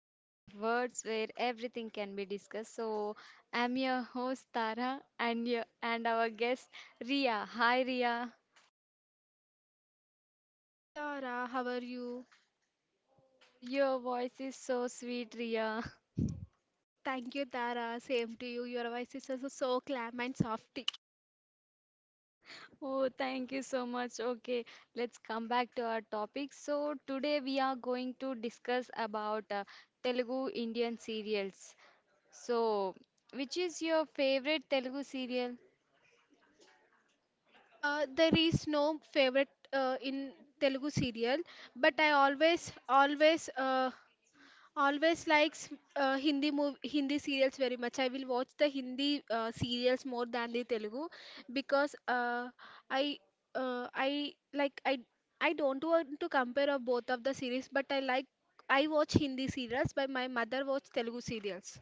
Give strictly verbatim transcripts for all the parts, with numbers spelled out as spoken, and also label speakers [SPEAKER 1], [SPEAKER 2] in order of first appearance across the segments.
[SPEAKER 1] Canvas of Words, where everything can be discussed. So, I'm your host, Tara, and, your, and our guest, Ria. Hi, Ria.
[SPEAKER 2] Tara, how are you?
[SPEAKER 1] Oh, your voice is so sweet, Ria.
[SPEAKER 2] Thank you, Tara. Same to you. Your voice is also so calm and softy.
[SPEAKER 1] Oh, thank you so much. Okay, let's come back to our topic. So, today we are going to discuss about uh, Telugu Indian serials. So, which is your favorite Telugu serial?
[SPEAKER 2] Uh, there is no favorite uh, in Telugu serial, but I always, always, uh, always likes uh, Hindi mov Hindi serials very much. I will watch the Hindi uh, serials more than the Telugu because uh, I, uh, I like I, I don't want to compare of both of the series, but I like I watch Hindi serials, but my mother watch Telugu serials.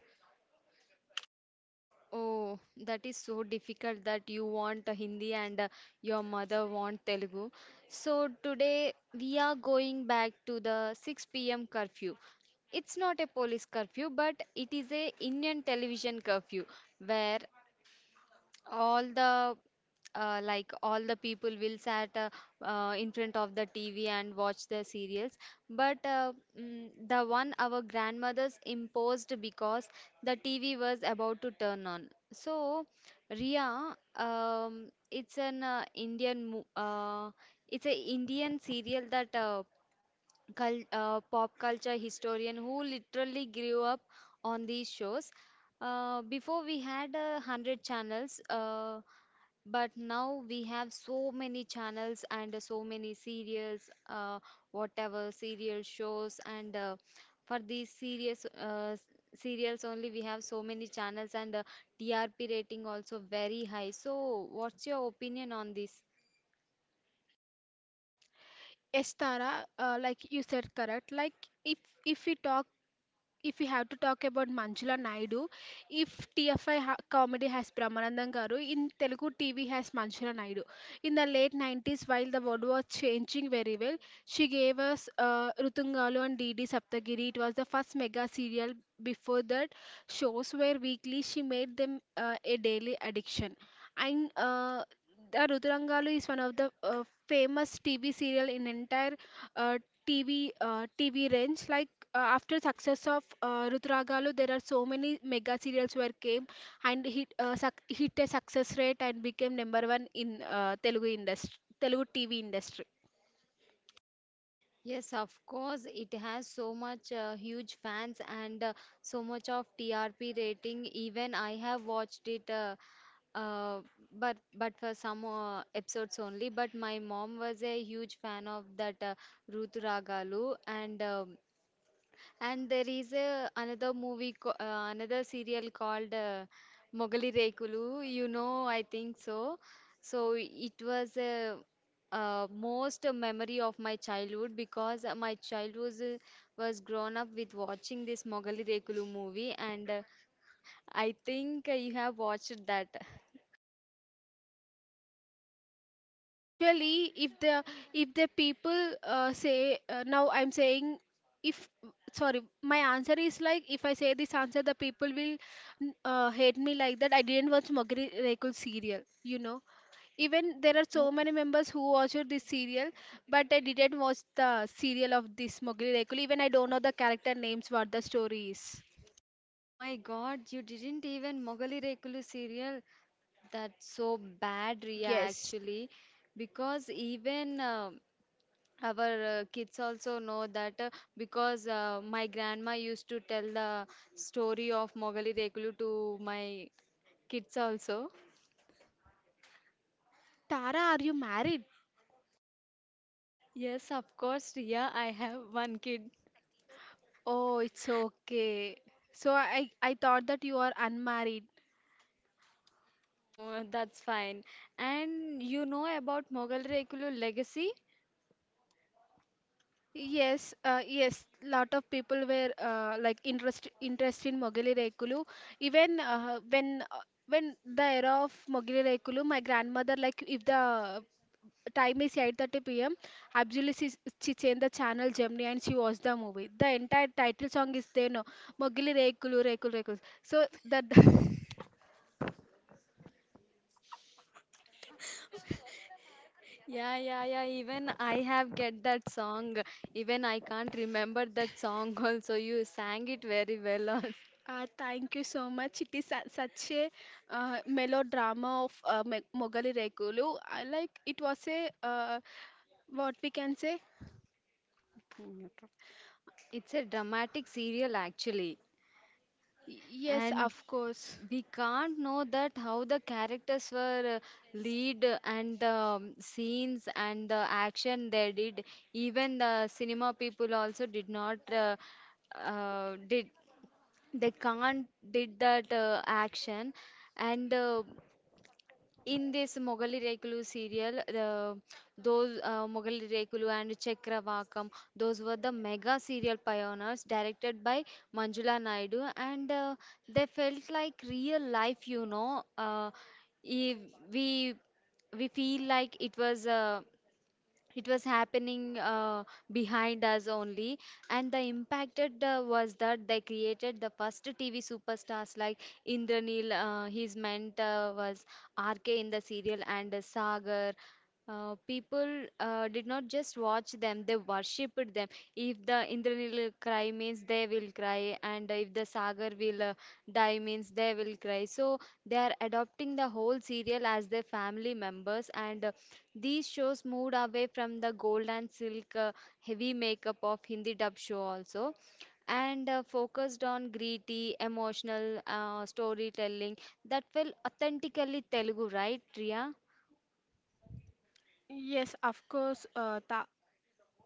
[SPEAKER 1] Oh, that is so difficult that you want a Hindi and uh, your mother want Telugu. So today we are going back to the six p m curfew. It's not a police curfew, but it is a Indian television curfew where all the uh, like all the people will sat uh, uh, in front of the T V and watch the serials. But uh, mm, the one our grandmothers imposed because the T V was about to turn on. So, Ria, um, it's an uh, Indian, mo- uh, it's a Indian serial that uh, cul- uh, pop culture historian who literally grew up on these shows. Uh, before we had a hundred channels, uh, but now we have so many channels and uh, so many serials, uh, whatever serial shows, and uh, for these serious uh, s- serials only we have so many channels and uh, T R P rating also very high. So, what's your opinion on this?
[SPEAKER 2] Yes, Tara, uh, like you said, correct. Like if if we talk if we have to talk about Manjula Naidu, if T F I ha- comedy has Brahmanandam Garu, in Telugu T V has Manjula Naidu. In the late nineties, while the world was changing very well, she gave us uh, Rutungalu and D D Saptagiri. It was the first mega serial. Before that, shows were weekly. She made them uh, a daily addiction. And uh, the Ruturangalu is one of the uh, famous T V serial in entire uh, T V uh, T V range. Like uh, after success of uh, Rutragalu, there are so many mega serials where came and hit uh, suc hit a success rate and became number one in uh, Telugu industry, Telugu T V industry.
[SPEAKER 1] Yes, of course, it has so much uh, huge fans and uh, so much of T R P rating. Even I have watched it, uh, uh, but but for some uh, episodes only. But my mom was a huge fan of that uh, Ruth Ragalu, and um and there is a another movie, co- uh, another serial called uh, Mogali Rekulu. You know, I think so. So it was uh, uh, most memory of my childhood because uh, my child was uh, was grown up with watching this Mogali Rekulu movie, and uh, I think uh, you have watched that.
[SPEAKER 2] Actually, if the if the people uh, say uh, now I'm saying if sorry, my answer is like if I say this answer the people will uh, hate me like that I didn't watch Mogri Rekul serial, you know. Even there are so
[SPEAKER 1] Oh,
[SPEAKER 2] many members who watched this serial, but I didn't watch the serial of this Mowgli Rekul. Even I don't know the character names, what the story is.
[SPEAKER 1] oh my God, you didn't even Mogali Rekulu serial. That's so bad, Ria,
[SPEAKER 2] Yes.
[SPEAKER 1] actually, because even uh, our uh, kids also know that uh, because uh, my grandma used to tell the story of Mogali Rekulu to my kids also.
[SPEAKER 2] Tara, are you married?
[SPEAKER 1] Yes, of course, Riya, I have one kid.
[SPEAKER 2] Oh, it's okay. So I I thought that you are unmarried.
[SPEAKER 1] Oh, that's fine. And you know about Mogal Rekulu legacy?
[SPEAKER 2] Yes, uh, yes. Lot of people were uh, like interest interest in Mowgli Rekulu. Even uh, when uh, when the era of Mowgli Rekulu, my grandmother, like if the time is eight thirty p m. absolutely, she, she changed the channel Gemini and she watched the movie. The entire title song is there, no? Mogili Rekulu Rekulu Rekulu. So that
[SPEAKER 1] Yeah, yeah, yeah. Even I have get that song. Even I can't remember that song also. You sang it very well.
[SPEAKER 2] uh, thank you so much. It is su- such a uh, melodrama of uh, Me- Mogali Rekulu. I like it was a uh, what we can say. Mm,
[SPEAKER 1] It's a dramatic serial actually.
[SPEAKER 2] Y- yes,
[SPEAKER 1] And
[SPEAKER 2] of course.
[SPEAKER 1] we can't know that how the characters were uh, lead uh, and the um, scenes and the action they did, even the cinema people also did not uh, uh, did they can't did that uh, action, and uh, in this Mogali Rekulu serial, the those uh, Mogali Rekulu and Chakravakam, those were the mega serial pioneers directed by Manjula Naidu, and uh, they felt like real life, you know. Uh, if we we feel like it was uh, it was happening uh, behind us only, and the impacted uh, was that they created the first TV superstars like Indranil, uh, his mentor was RK in the serial, and uh, Sagar. Uh, people uh, did not just watch them, they worshipped them. If the Indranil cry means they will cry, and if the Sagar will uh, die means they will cry. So they are adopting the whole serial as their family members, and uh, these shows moved away from the gold and silk uh, heavy makeup of Hindi dub show also, and uh, focused on gritty emotional uh, storytelling that felt authentically Telugu, right, Priya?
[SPEAKER 2] Yes, of course. Uh, tha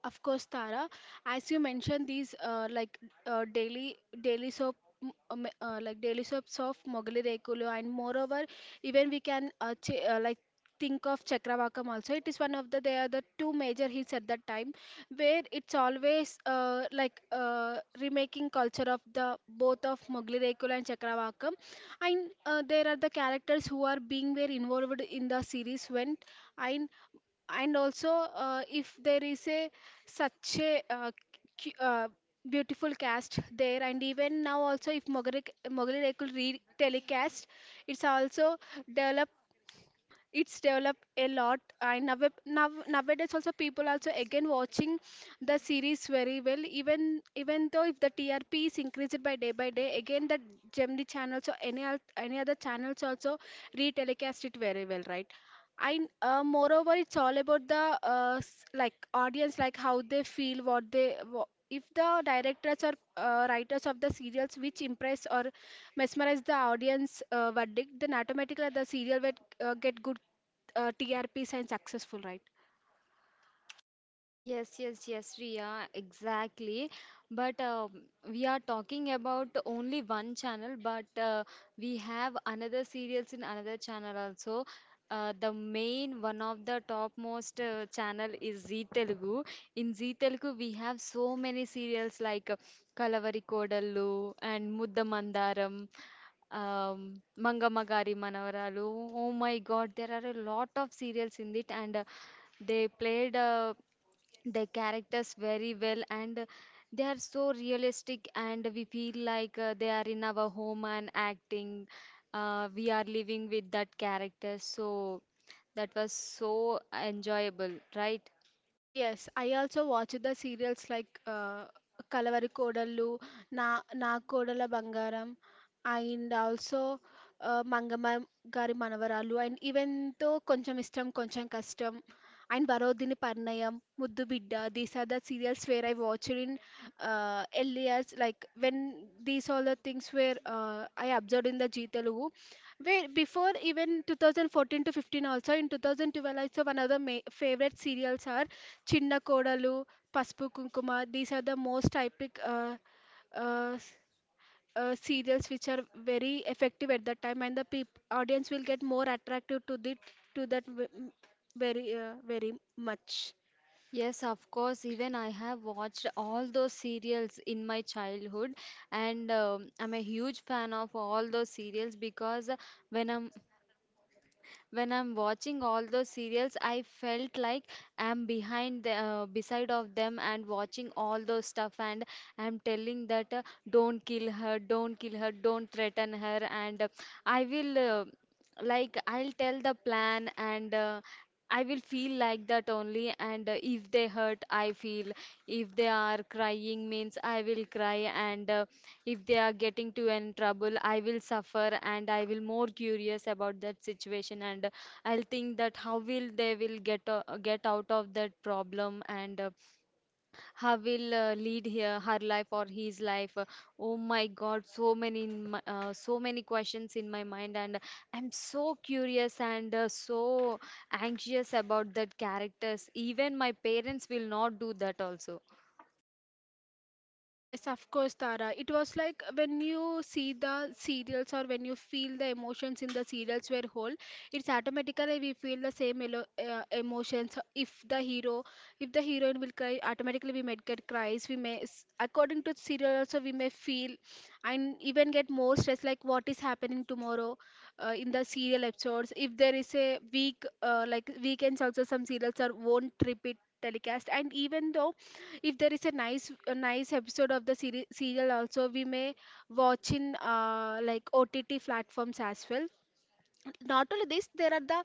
[SPEAKER 2] Of course, Tara. As you mentioned, these uh, like uh, daily daily soap m- uh, uh, like daily soaps of Mogali Rekulu, and moreover, even we can uh, ch- uh, like think of Chakravakam also. It is one of the they are the two major hits at that time, where it's always uh, like uh, remaking culture of the both of Mogali Rekulu and Chakravakam, and uh, there are the characters who are being were involved in the series when and and also uh, if there is a such a uh, cu- uh, beautiful cast there and even now also if Mogari Mogari could re telecast, it's also develop, it's developed a lot and now, now nowadays also people also again watching the series very well, even even though if the T R P is increased by day by day, again the Gemini channels or any oth- any other channels also re telecast it very well, right? I uh, Moreover, it's all about the uh, s- like audience, like how they feel, what they wha- if the directors or uh, writers of the serials which impress or mesmerize the audience uh, verdict, then automatically the serial will uh, get good uh, trps and successful, right?
[SPEAKER 1] Yes, yes, yes, Riya, exactly. But um we are talking about only one channel, but uh, we have another serials in another channel also. Uh, the main one of the topmost uh, channel is Zee Telugu. In Zee Telugu, we have so many serials like uh, Kalavari Kodallu and Muddamandaram, um, Mangamagari Manavaralu. Oh my God, there are a lot of serials in it, and uh, they played uh, the characters very well, and they are so realistic, and we feel like uh, they are in our home and acting, uh, we are living with that character, so that was so enjoyable, right?
[SPEAKER 2] Yes, I also watch the serials like uh, Kalavari Kodallu, Na Na Kodala Bangaram, and also uh, Mangama Gari Manavaralu, and even though Koncham Istam, Koncham Kastam, and Varodini Parnayam, Muddu Bidda, these are the serials where I watched in uh, early years, like when these all the things were uh, I observed in the G Telugu. Wait, before even two thousand fourteen to fifteen also, in two thousand twelve also one of the ma favorite serials are Chinna Kodalu, Pasupu Kunkuma. These are the most typic uh, uh, s- uh, serials which are very effective at that time, and the peop audience will get more attractive to the to that ve- m- very uh, very much.
[SPEAKER 1] Yes, of course, even I have watched all those serials in my childhood, and um, I'm a huge fan of all those serials because when i'm when I'm watching all those serials, I felt like I'm behind the, uh, beside of them and watching all those stuff, and I'm telling that uh, don't kill her, don't kill her, don't threaten her, and uh, I will. Uh, like I'll tell the plan, and uh, I will feel like that only, and uh, if if they hurt I feel, if they are crying means I will cry, and uh, if they are getting to in trouble I will suffer, and I will more curious about that situation, and uh, I'll think that how will they will get uh, get out of that problem, and uh, how will uh, lead her, her life or his life. Uh, oh my god, so many in my, uh, so many questions in my mind, and I'm so curious, and uh, so anxious about that characters, even my parents will not do that also.
[SPEAKER 2] Yes, of course, Tara. It was like when you see the serials or when you feel the emotions in the serials were whole, it's automatically we feel the same elo uh, emotions. If the hero, if the heroine will cry, automatically we might get cries. We may, s- according to the serial also, we may feel and even get more stress like what is happening tomorrow uh, in the serial episodes. If there is a week, uh, like weekends also some serials are won't repeat telecast, and even though if there is a nice a nice episode of the seri- serial also, we may watch in uh, like ott platforms as well. Not only this, there are the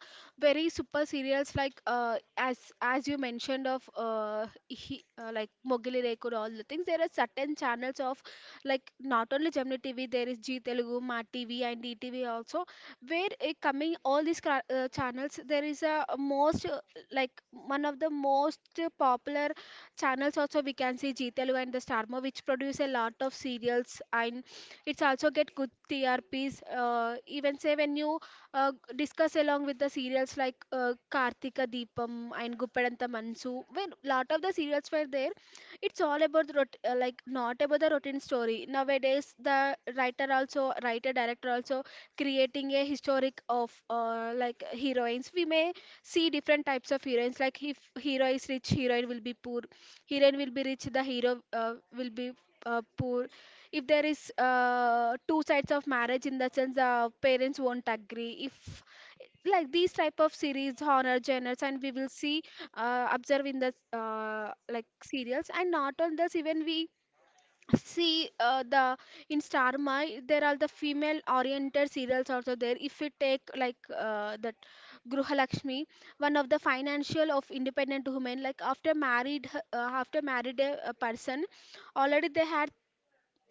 [SPEAKER 2] very super serials like uh, as as you mentioned of uh, he, uh, like Mogili Rekul all the things, there are certain channels of like not only Gemini T V, there is G Telugu, Ma T V and E T V also, where it coming all these cra- uh, channels. There is a most uh, like one of the most uh, popular channels also, we can see G Telugu and the Starma which produce a lot of serials, and it's also get good T R Ps. Uh, even say when you uh, discuss along with the serials like uh, Karthika Deepam and Guppadanta Mansu. When lot of the serials were there, it's all about the rot- uh, like not about the routine story. Nowadays, the writer also, writer director also, creating a historic of uh, like heroines. We may see different types of heroines. Like if hero is rich, heroine will be poor. Heroine will be rich, the hero uh, will be uh, poor. If there is uh, two sides of marriage, in the sense the parents won't agree, if like these type of series horror genres, and we will see uh, observe in the uh, like serials. And not on this, even we see uh, the in star my there are the female oriented serials also there. If we take like uh, that Gruhalakshmi, one of the financial of independent women, like after married h- uh, after married a, a person already they had,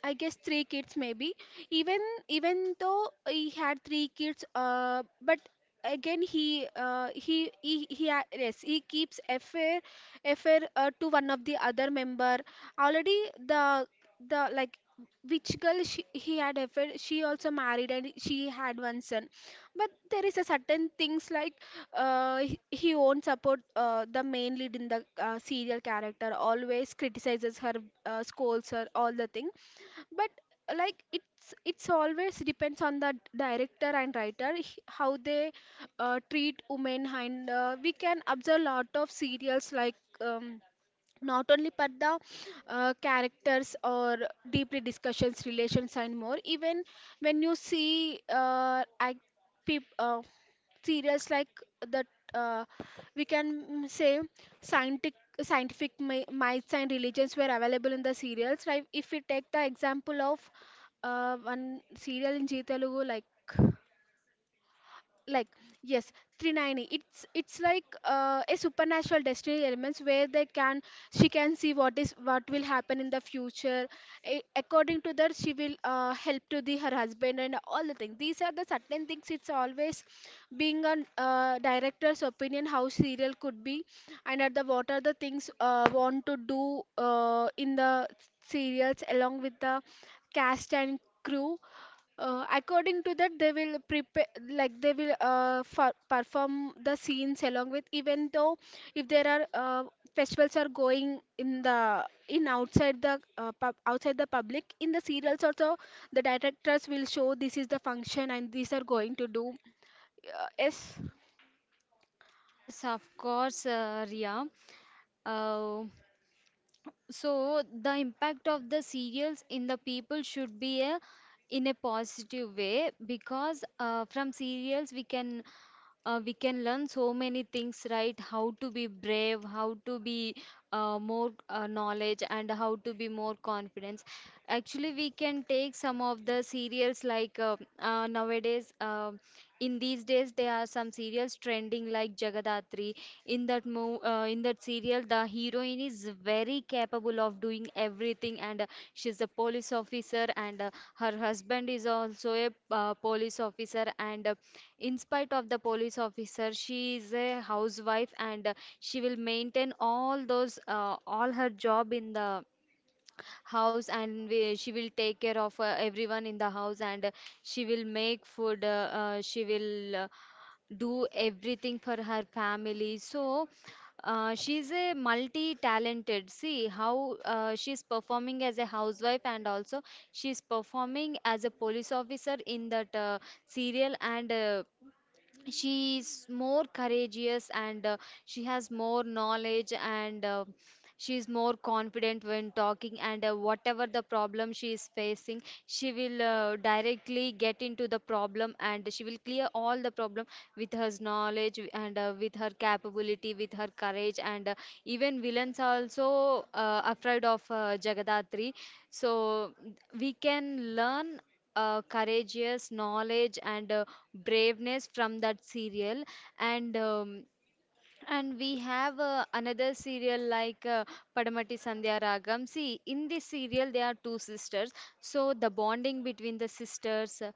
[SPEAKER 2] I guess, three kids maybe. Even Even though he had three kids, uh, but again he uh, he he he ha- yes, he keeps affair affair uh, to one of the other member. Already the the like which girl she, he had affair, she also married and she had one son, but there is a certain things like uh, he, he won't support uh, the main lead in the uh, serial character, always criticizes her, uh, scolds her all the thing. But like it's it's always depends on the director and writer h- how they uh, treat women, and uh, we can observe a lot of serials like um, not only but the uh, characters or deeply discussions relations and more. Even when you see uh, I, peop, uh, serials like that uh, we can mm, say scientific scientific mi- myths and religions were available in the serials. Like if we take the example of uh, one serial in G Telugu like like yes, trinini, it's it's like uh, a supernatural destiny elements where they can, she can see what is what will happen in the future. A- according to that, she will uh, help to the her husband and all the things. These are the certain things, it's always being a uh, director's opinion how serial could be, and at the what are the things uh, want to do uh, in the serials along with the cast and crew. Uh, according to that, they will prepare, like they will uh, for, perform the scenes along with. Even though if there are uh, festivals are going in the in outside the uh, pub, outside the public, in the serials also, the directors will show this is the function and these are going to do. Uh, yes,
[SPEAKER 1] Yes, of course, uh, Ria. uh, So the impact of the serials in the people should be a, in a positive way because uh, from serials we can uh, we can learn so many things, right? How to be brave, how to be uh, more uh, knowledge, and how to be more confidence. Actually, we can take some of the serials like uh, uh, nowadays. Um in these days there are some serials trending like Jagadatri. In that mo- uh, in that serial, the heroine is very capable of doing everything, and uh, she's a police officer, and uh, her husband is also a uh, police officer, and uh, in spite of the police officer she is a housewife, and uh, she will maintain all those uh, all her job in the house, and we, she will take care of uh, everyone in the house, and uh, she will make food uh, uh, she will uh, do everything for her family. So uh, she's a multi-talented, see how uh, she's performing as a housewife and also she's performing as a police officer in that uh, serial, and uh, she's more courageous, and uh, she has more knowledge, and uh, she's more confident when talking, and uh, whatever the problem she is facing, she will uh, directly get into the problem and she will clear all the problem with her knowledge, and uh, with her capability, with her courage, and uh, even villains are also uh, afraid of uh, Jagadatri. So we can learn uh, courageous knowledge, and uh, braveness from that serial. And um, and we have uh, another serial like uh, Padamati Sandhya Ragam. See, in this serial, there are two sisters. So the bonding between the sisters, uh,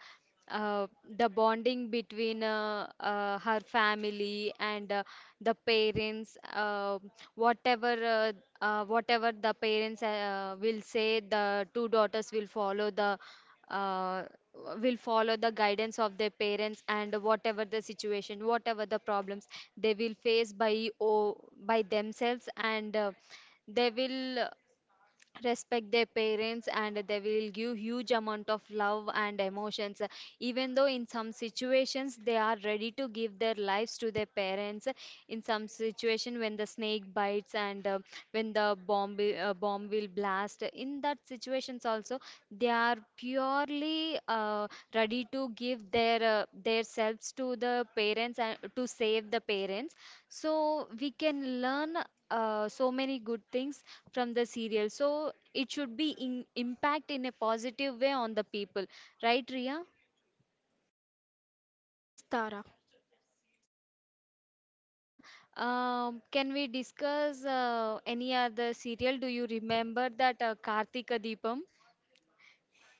[SPEAKER 1] uh, the bonding between uh, uh, her family and uh, the parents, uh, whatever uh, uh, whatever the parents uh, will say, the two daughters will follow the uh, will follow the guidance of their parents, and whatever the situation, whatever the problems they will face by oh, by themselves, and uh, they will respect their parents, and they will give huge amount of love and emotions. Even though in some situations they are ready to give their lives to their parents, in some situation when the snake bites, and uh, when the bomb will- uh, bomb will blast, in that situations also they are purely uh, ready to give their uh, their selves to the parents and to save the parents. So we can learn uh, so many good things from the serial. So it should be in impact in a positive way on the people, right, Ria?
[SPEAKER 2] yes, Tara.
[SPEAKER 1] Uh, um, can we discuss uh, any other serial? Do you remember that uh, Kartika Deepam?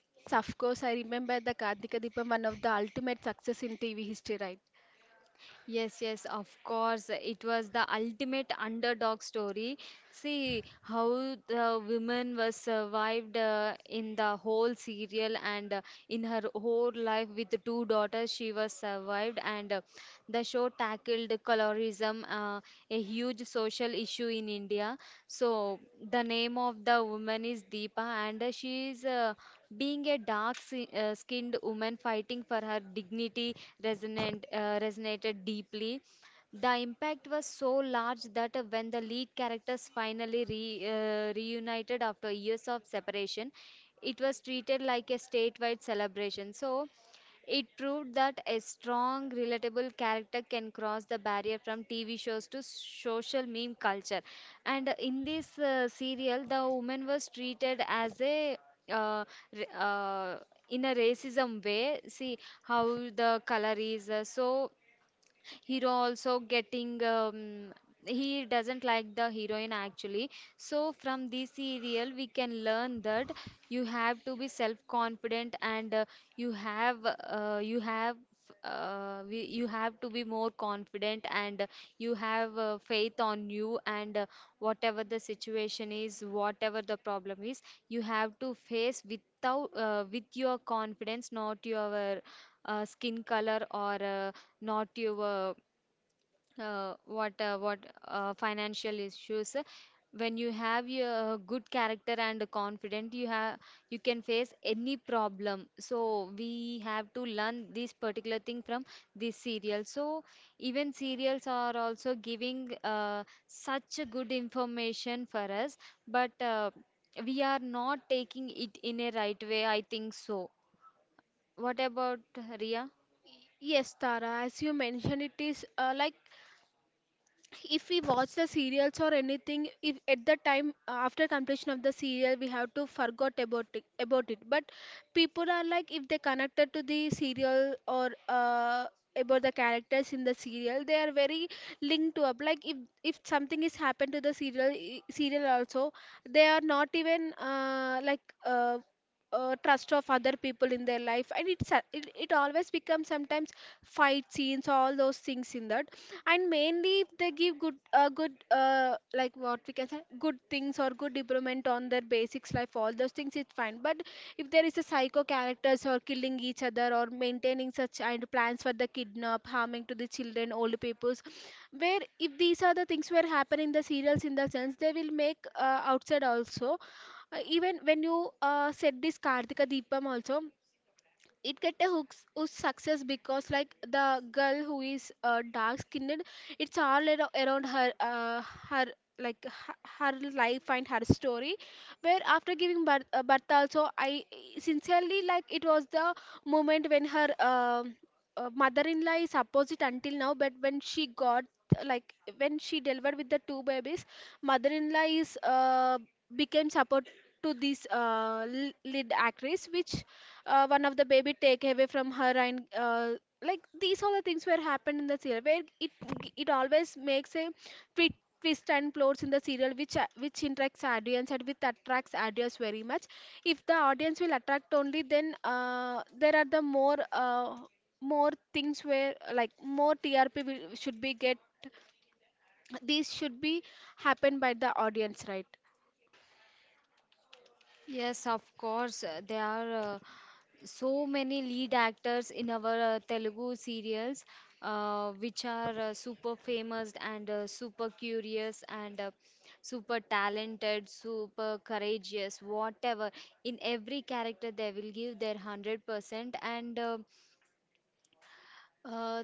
[SPEAKER 2] Yes, of course, I remember the Kartika Deepam, one of the ultimate success in T V history, right?
[SPEAKER 1] Yes, yes, of course. It was the ultimate underdog story. See how the woman was survived uh, in the whole serial, and uh, in her whole life with the two daughters, she was survived. And uh, the show tackled colorism, uh, a huge social issue in India. So the name of the woman is Deepa, and uh, she is uh, being a dark si- uh, skinned woman fighting for her dignity. Resonant uh, resonated deeply. The impact was so large that uh, when the lead characters finally re, uh, reunited after years of separation, it was treated like a statewide celebration. So it proved that a strong, relatable character can cross the barrier from T V shows to social meme culture. And in this uh, serial, the woman was treated as a uh, r- uh, in a racism way. See how the color is uh, so hero also getting um, he doesn't like the heroine actually. So from this serial we can learn that you have to be self confident and uh, you have uh, you have uh, we, you have to be more confident and uh, you have uh, faith on you and uh, whatever the situation is, whatever the problem is, you have to face without uh, with your confidence, not your uh, skin color or uh, not your uh, what uh, what uh, financial issues. When you have your good character and confident, you have you can face any problem. So we have to learn this particular thing from this serial. So even serials are also giving uh, such a good information for us, but uh, we are not taking it in a right way, I think so. What about uh, Ria?
[SPEAKER 2] Yes, Tara, as you mentioned, it is uh, like if we watch the serials or anything, if at the time after completion of the serial we have to forgot about it, about it but people are like, if they connected to the serial or uh, about the characters in the serial, they are very linked to up, like if if something is happened to the serial, i- serial also, they are not even uh, like uh, uh, trust of other people in their life. And it's a- it, it always becomes sometimes fight scenes, all those things in that. And mainly if they give good uh, good uh, like what we can say, good things or good improvement on their basics life, all those things it's fine. But if there is a psycho characters or killing each other or maintaining such and plans for the kidnap, harming to the children, old peoples, where if these are the things were happening in the serials, in the sense they will make uh, outside also. Uh, even when you uh, said this Kartika Deepam also, it get a hooks who's success because, like, the girl who is uh, dark skinned, it's all ar- around her, uh, her, like, h- her life and her story, where after giving birth, uh, birth also I sincerely, like, it was the moment when her um uh, mother-in-law is opposite until now, but when she got, like, when she delivered with the two babies, mother-in-law is uh, became supportive to this uh, l- lead actress, which uh, one of the baby take away from her, and uh, like these all the things were happened in the serial, where it it always makes a twi- twist and plots in the serial, which a- which interacts audience and which attracts audience very much. If the audience will attract, only then uh, there are the more uh, more things where, like, more T R P will, should be get, these should be happened by the audience, right?
[SPEAKER 1] Yes, of course. uh, They are uh, so many lead actors in our uh, Telugu serials, uh, which are uh, super famous and uh, super curious and uh, super talented, super courageous, whatever. In every character, they will give their one hundred percent. And uh, uh,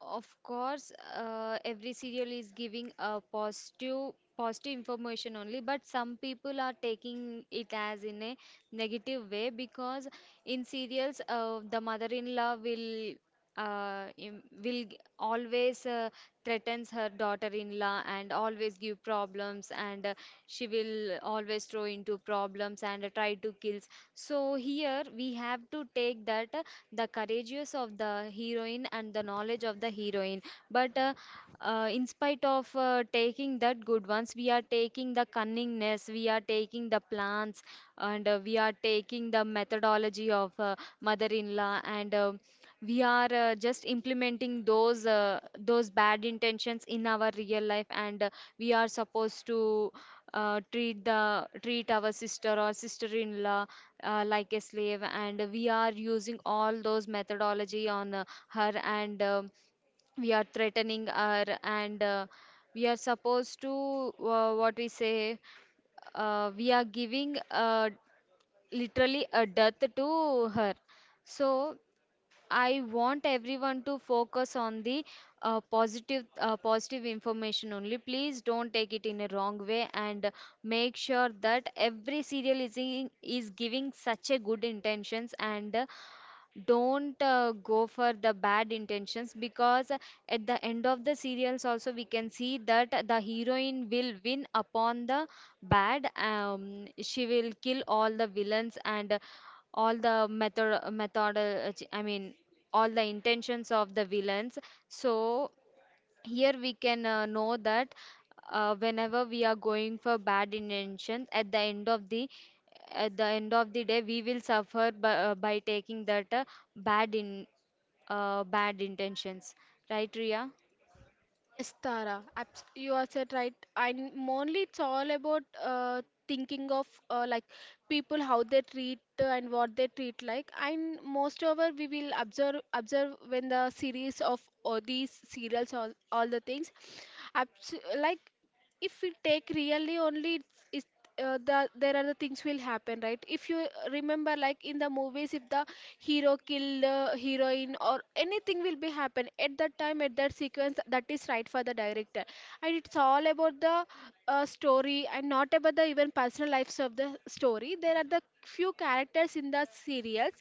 [SPEAKER 1] of course, uh, every serial is giving a positive positive information only, but some people are taking it as in a negative way because in serials, uh, the mother-in-law will uh, im- will g- always uh, threatens her daughter-in-law and always give problems, and uh, she will always throw into problems and uh, try to kill. So here we have to take that uh, the courageous of the heroine and the knowledge of the heroine. But uh, uh, in spite of uh, taking that good ones, we are taking the cunningness, we are taking the plans, and uh, we are taking the methodology of uh, mother-in-law, and um we are uh, just implementing those uh, those bad intentions in our real life, and uh, we are supposed to uh, treat the treat our sister or sister-in-law uh, like a slave, and we are using all those methodology on uh, her, and um we are threatening her, and uh, we are supposed to uh, what we say uh, we are giving uh, literally a death to her. So I want everyone to focus on the uh, positive uh, positive information only. Please don't take it in a wrong way, and uh, make sure that every serial is in, is giving such a good intentions, and uh, don't uh, go for the bad intentions, because at the end of the serials also we can see that the heroine will win upon the bad um, she will kill all the villains and all the method method uh, I mean all the intentions of the villains. So here we can uh, know that uh, whenever we are going for bad intentions, at the end of the at the end of the day, we will suffer by, uh, by taking that uh, bad in uh, bad intentions. Right, Ria?
[SPEAKER 2] Yes, Tara, abs- you are said right. And mainly it's all about uh, thinking of uh, like people, how they treat uh, and what they treat, like. And most over we will observe observe when the series of all these serials, all all the things, abs- like, if we take really only it's, it's uh, the, there are the things will happen, right? If you remember, like in the movies, if the hero kill uh, heroine or anything will be happen at that time, at that sequence, that is right for the director. And it's all about the uh, story and not about the even personal lives of the story. There are the few characters in the serials,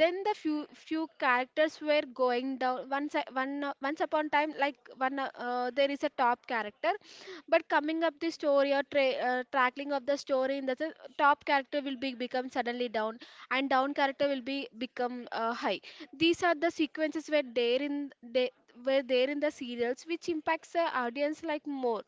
[SPEAKER 2] then the few few characters were going down, once I- one uh, once upon time, like one uh, uh, there is a top character, but coming up the story or tra- uh, tackling of the story, in the sense, top character will be become suddenly down, and down character will be become uh, high. These are the sequences where there in they were there in the serials, which impacts the audience, like, more,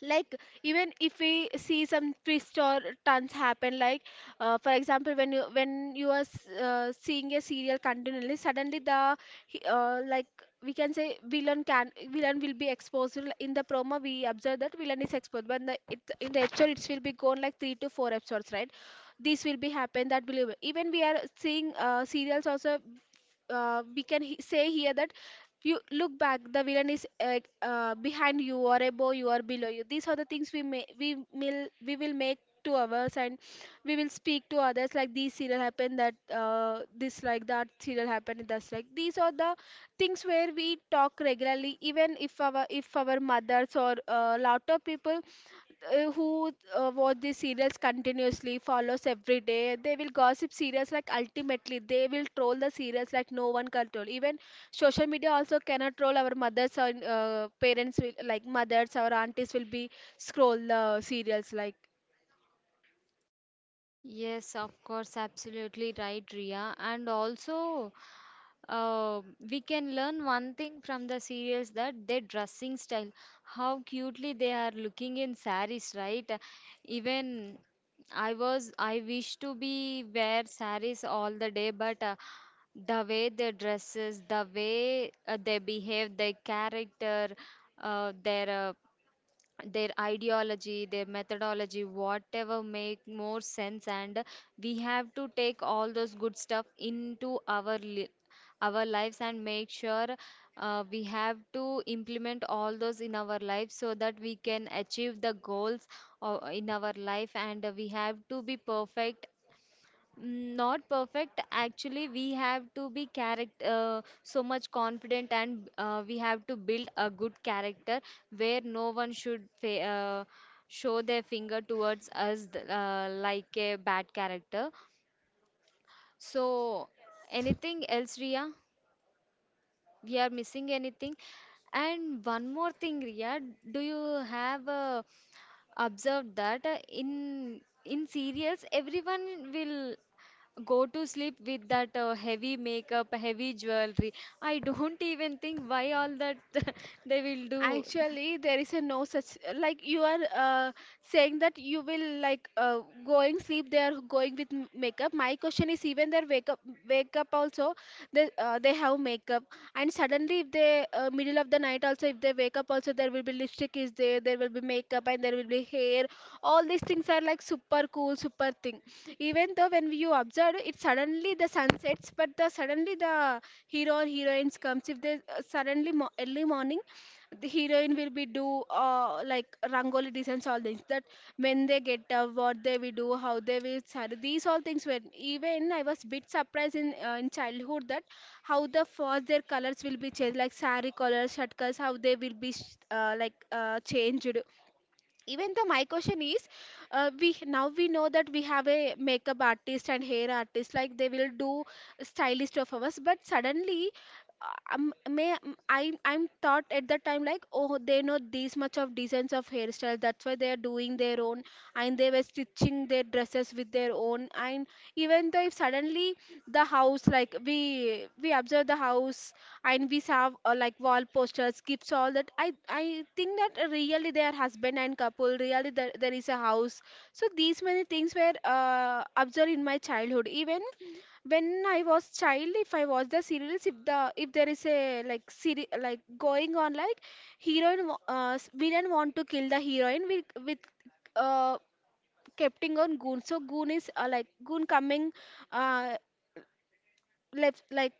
[SPEAKER 2] like, even if we see some twist or turns happen, like, uh, for example, when you when you are s- uh, seeing a serial continually, suddenly the he- uh, like, we can say, villain can villain will be exposed. L- in the promo we observe that villain is exposed, but in the, it, in the episode it will be gone like three to four episodes, right? This will be happen, that will be- even we are seeing uh, serials also. Uh, we can he- say here that you look back, the villain is uh, uh, behind you or above you or below you. These are the things we may we will we will make to ours, and we will speak to others like these serial happened, that uh, this, like, that serial happened, and that's, like, these are the things where we talk regularly, even if our, if our mothers or uh, lot of people uh, who uh, watch these serials continuously, follows every day, they will gossip serials, like ultimately they will troll the serials, like no one can troll. Even social media also cannot roll our mothers or uh, parents will, like mothers or aunties will be scroll uh, serials, like.
[SPEAKER 1] Yes, of course, absolutely right, Ria. And also, Uh, we can learn one thing from the serials, that their dressing style, how cutely they are looking in saris, right? Even I was, I wish to be wear saris all the day, but uh, the way their dresses, the way uh, they behave, their character, uh, their uh, their ideology, their methodology, whatever make more sense, and we have to take all those good stuff into our li- our lives, and make sure uh, we have to implement all those in our life so that we can achieve the goals uh, in our life, and we have to be perfect. Mm, not perfect. Actually, we have to be character uh, so much confident, and uh, we have to build a good character where no one should fa- uh, show their finger towards us th- uh, like a bad character. So, anything else, Ria? We are missing anything? And one more thing, Ria, do you have a observed that uh, in in serials everyone will go to sleep with that uh, heavy makeup, heavy jewelry. I don't even think why all that they will do.
[SPEAKER 2] Actually, there is a no such, like, you are uh, saying that you will, like, uh, going sleep. They are going with m- makeup. My question is, even their wake up, wake up also. They uh, they have makeup, and suddenly if they uh, middle of the night also, if they wake up also, there will be lipstick is there. There will be makeup and there will be hair. All these things are like super cool, super thing. Even though when you observe it, suddenly the sun sets, but the suddenly the hero or heroines comes, if they uh, suddenly mo- early morning, the heroine will be do uh, like rangoli designs, all things that. When they get up, what they will do, how they will saree, these all things were. Even I was bit surprised in uh, in childhood that how the first their colors will be changed, like saree colors, shirt colors, how they will be sh- uh, like uh, changed. Even the my question is, uh, we now we know that we have a makeup artist and hair artist, like they will do stylist of ours, but suddenly uh, um, may um, i i'm thought at that time, like, oh, they know this much of designs of hairstyle, that's why they are doing their own, and they were stitching their dresses with their own, and even though if suddenly the house, like we we observe the house, and we have uh, like wall posters, gifts, all that, i i think that uh, really they are husband and couple, really there, there is a house. So these many things were uh, observed in my childhood. Even when I was child, if I watch the serials, if the, if there is a like seri- like going on, like heroine wa- uh, s- villain want to kill the heroine with with uh capting on goon, so goon is uh, like goon coming uh, left, like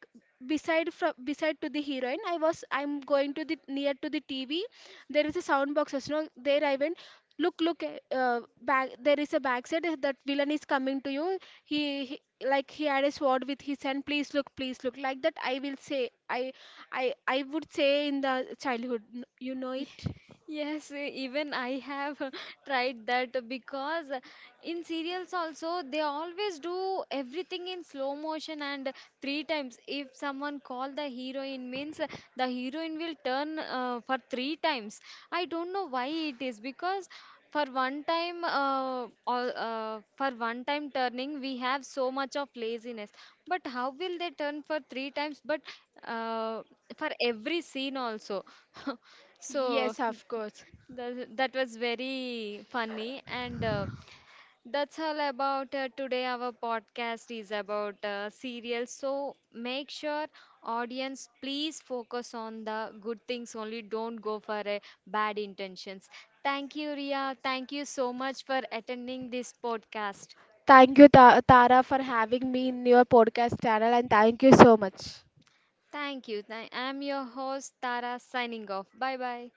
[SPEAKER 2] beside, from beside to the heroine, i was i'm going to the near to the T V, there is a sound boxes, no, there I went, Look, look, eh, uh, back, there is a backside, eh, that villain is coming to you! He, he, like, he had a sword with his hand, please look, please look, like that I will say. I i i would say in the childhood, N- you know
[SPEAKER 1] Ye-
[SPEAKER 2] it.
[SPEAKER 1] Yes, even I have tried that, because in serials also they always do everything in slow motion and three times. If someone call the heroine means the heroine will turn uh, for three times. I don't know why it is, because for one time uh, all, uh, for one time turning we have so much of laziness. But how will they turn for three times? But uh, for every scene also. So
[SPEAKER 2] Yes, of course.
[SPEAKER 1] th- that was very funny, and uh, that's all about uh, today. Our podcast is about uh, serials, so make sure audience please focus on the good things only. Don't go for uh, bad intentions. Thank you, Ria. Thank you so much for attending this podcast.
[SPEAKER 2] Thank you, Ta- Tara, for having me in your podcast channel, and thank you so much.
[SPEAKER 1] Thank you. Th- I'm your host Tara, signing off. Bye bye.